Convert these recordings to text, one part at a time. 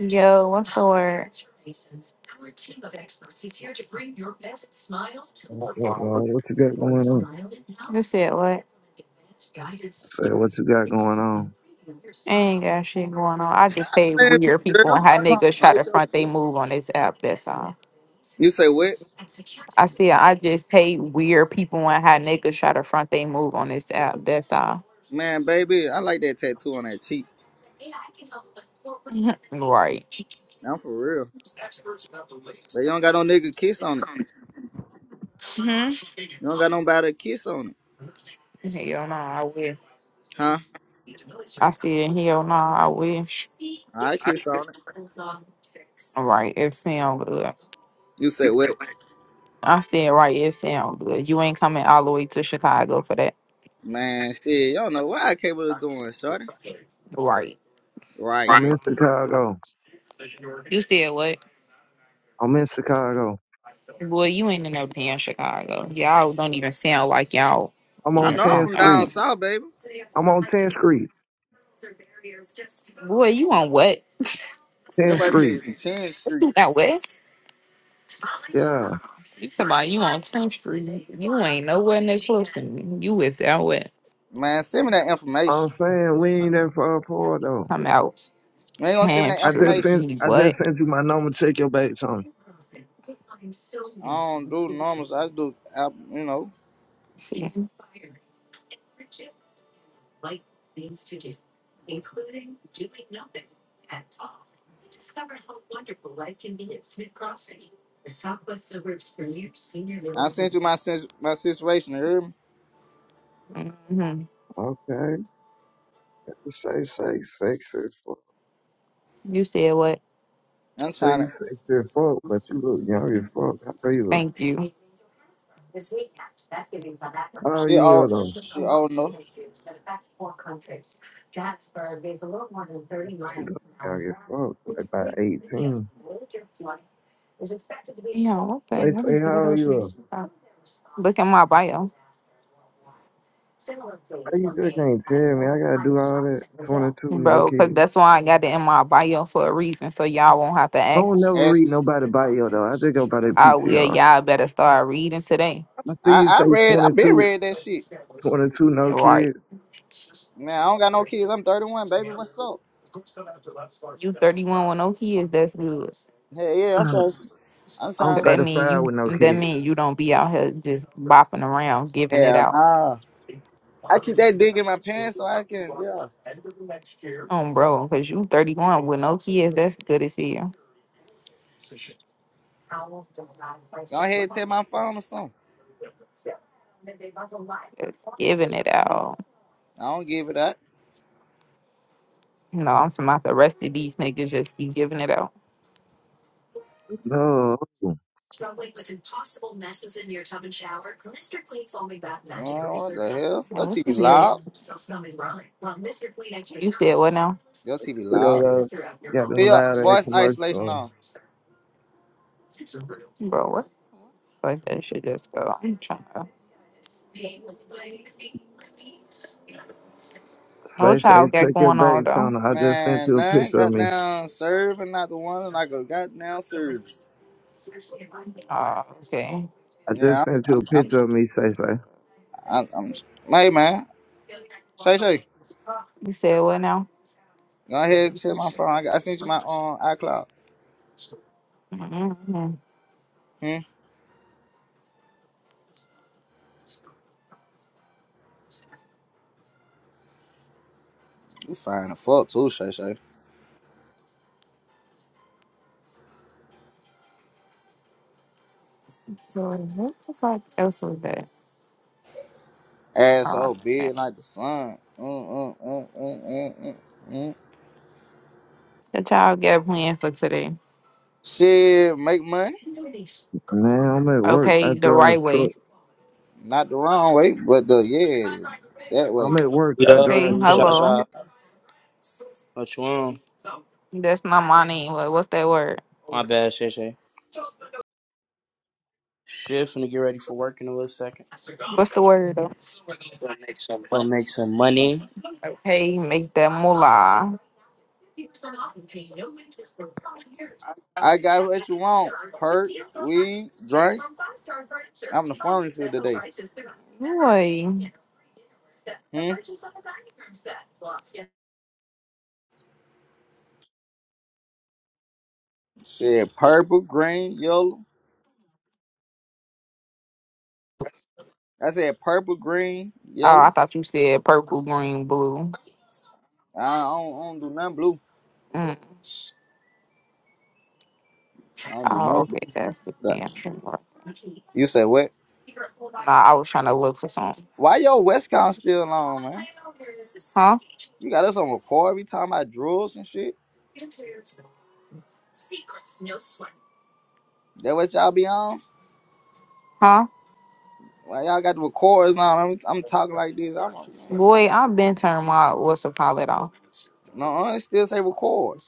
Yo, what's the word? What's up, bro? What you got going on? You said what? I said, what you got going on? I ain't got shit going on. I just say playing weird people girl. and If how I come niggas try to bite your front they butt. move on this app. That's all. You say what? I see. I just hate weird people and how niggas try to front they move on this app. That's all. Man, baby, I like that tattoo on that cheek. right. I'm for real. But you don't got no nigga kiss on it. Mm-hmm. You don't got nobody to kiss on it. Hell no, I will. Huh? I said, hell no, I will. I kiss on it. All right, it sound good. You say what? I said, right, it sound good. You ain't coming all the way to Chicago for that. Man, shit, you don't know what I capable of doing, shorty. Right. Right. I'm in Chicago. You said what? I'm in Chicago. Boy, you ain't in no damn Chicago. Y'all don't even sound like y'all I'm I on even know I'm 10th from from down Street. out south, baby. I'm on 10th Street. here. Boy, you on what? 10th Nobody Street. said Chin Street. You out west? Yeah. You come out, you on 10th Street. You ain't nowhere near close to me. You is out west. Man, send me that I'm information. saying we ain't that far apart though. Come out You ain't gonna send me 10th that I just Street. information. sent You I What? just sent you my number. Check your back on. I don't do normals. I do, I, you know. She's, I sent you my sis- my situation. You hear me? Mhm. Okay. You say say sexy as fuck. You said what? I I'm say trying you to. sexy as fuck, but you look young as fuck. How old you look? Thank you. Yeah, what How old She you are all though? she all know. She look young as fuck. Like about 18. the? They What is say it how old about you you? are? Uh, Look at my bio, How you still can't tell me? I gotta do all that. 22, no bro, because kids. that's why I got it in my bio for a reason. So y'all won't have to I don't ask. never Ask read nobody bio though. I think about that Oh, yeah, PTR. y'all better start reading today. I see you I, say I read I twenty been two, read that shit. 22, no Right. kids. Man, I don't got no kids. I'm 31, baby. What's up? You 31 with no kids, that's good. Hell yeah, I'm trying. to- I'm I'm So trying. that to- mean 35 with no you that kids. mean you don't be out here just bopping around giving it Hell out. nah. I keep that dick in my pants so I can yeah. Um, bro, because you 31 with no kids, that's good as hell. Go ahead and take my phone or something. Just giving it out. I don't give it up. No, I'm talking about the rest of these niggas just be giving it out. No. You Now, what's Man, what the hell? Your the TV heels? loud. You said what now? Your TV know, loud. though, got Put them your loud ass voice Mm-hmm. isolation commercials. on. Bro, what the fuck? That shit just go. I'm trying to. Say, What y'all say, got check your going back on though? channel. I just sent Man, you a nah, picture of me. goddamn serving not the one and I go goddamn service. Uh, okay. I Yeah, just sent you I'm a I'm I'm picture of me, say, say. I'm, I'm, hey man. Shay Shay. You said what now? Go ahead and tell my phone. I, got- I sent you my um iCloud. Mm-hmm. Hmm? You fine the fuck too, Shay Shay. So what the fuck else was that? Ass Oh so man. big like the sun. Mm, mm, mm, mm, mm, mm, mm. The child got planned for today. Shit, make money. Man, I'm at work. I Okay, the drive right way. truck. Not the wrong way, but the yeah, that I'm way. at work. I Okay, drive Yo, truck. Shasha. hello. What you on? That's not my name. What- What's that word? My bad, Shay Shay. Shit, finna get ready for work in a little second. What's the word? though? Gonna make some money. Okay, make that moolah. I got what you want. Perk, weed, drink. I'm the pharmacy today. Boy. Hmm? Shit, purple, green, yellow. I said purple, green, Oh, I yellow. thought you said purple, green, blue. I don't, I don't do nothing blue. Mm. I don't do Oh, nothing okay. That's the blue. damn thing. You said what? Nah, I was trying to look for something. Why your Westcon still on, man? Huh? You got us on record every time I drills and shit. That what y'all be on? Huh? Why y'all got the records on? I'm, I'm talking like this. I'm like, man. Boy, I've been turning my what's a pilot off. no, I still say record.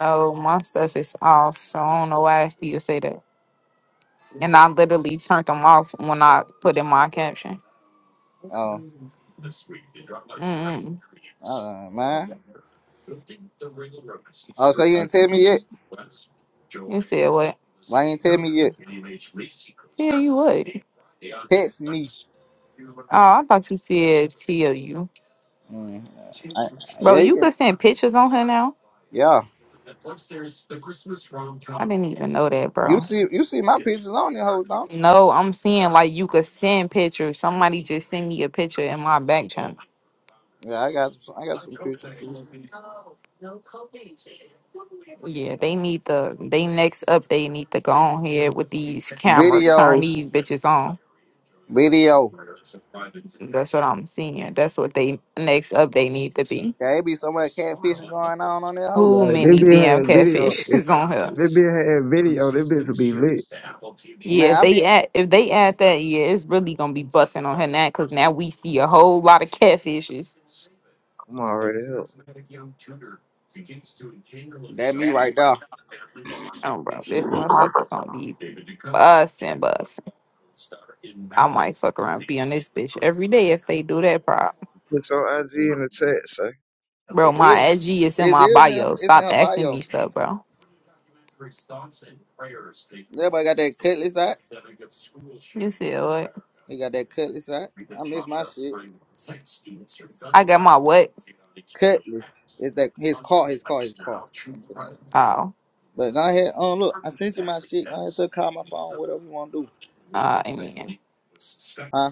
No, my stuff is off, so I don't know why I still say that. And I literally turned them off when I put in my caption. Oh, Mm. uh, man. Okay. Oh, so you didn't tell me yet? You said what? Why you didn't tell me yet? Yeah, you would. Text me. Oh, I thought you said T O U. Mm, I, Bro, yeah, you you can. could send pictures on her now. Yeah, I didn't even know that, you bro. see, you see my pictures on there, hold on. No, I'm seeing like you could send pictures. Somebody just sent me a picture in my back channel. Yeah, I got, some, I got some pictures too. Yeah, they need the they next up. They need to go on here with these cameras, turn Videos, these bitches on. video. That's what I'm seeing. That's what they next up. They need to be. Yeah, it be so much catfishing going on on there, hoe. Who Yeah, they many be damn had video. catfish If is on here? They be had video. This bitch will be lit. Yeah, Man, if I be they add if they add that, yeah, it's really gonna be busting on her now because now we see a whole lot of catfishes. Come on, already That me right there. Oh, bro, this motherfucker gonna be busting, busting. I might fuck around, be on this bitch every day if they do that, bro. Put your IG in the chat, Bro, It my is. IG is in It my is. In, bio. it's in Stop her asking me bio. stuff, bro. Everybody got that cutlass out. You said what? He got that cutlass out. I miss my shit. I got my what? Cutlass. It's that his car. His car. His car. I'm like But go ahead. Um, look, I sent you my shit. Go ahead, so call my phone. Whatever you want to do. Oh, amen. Huh?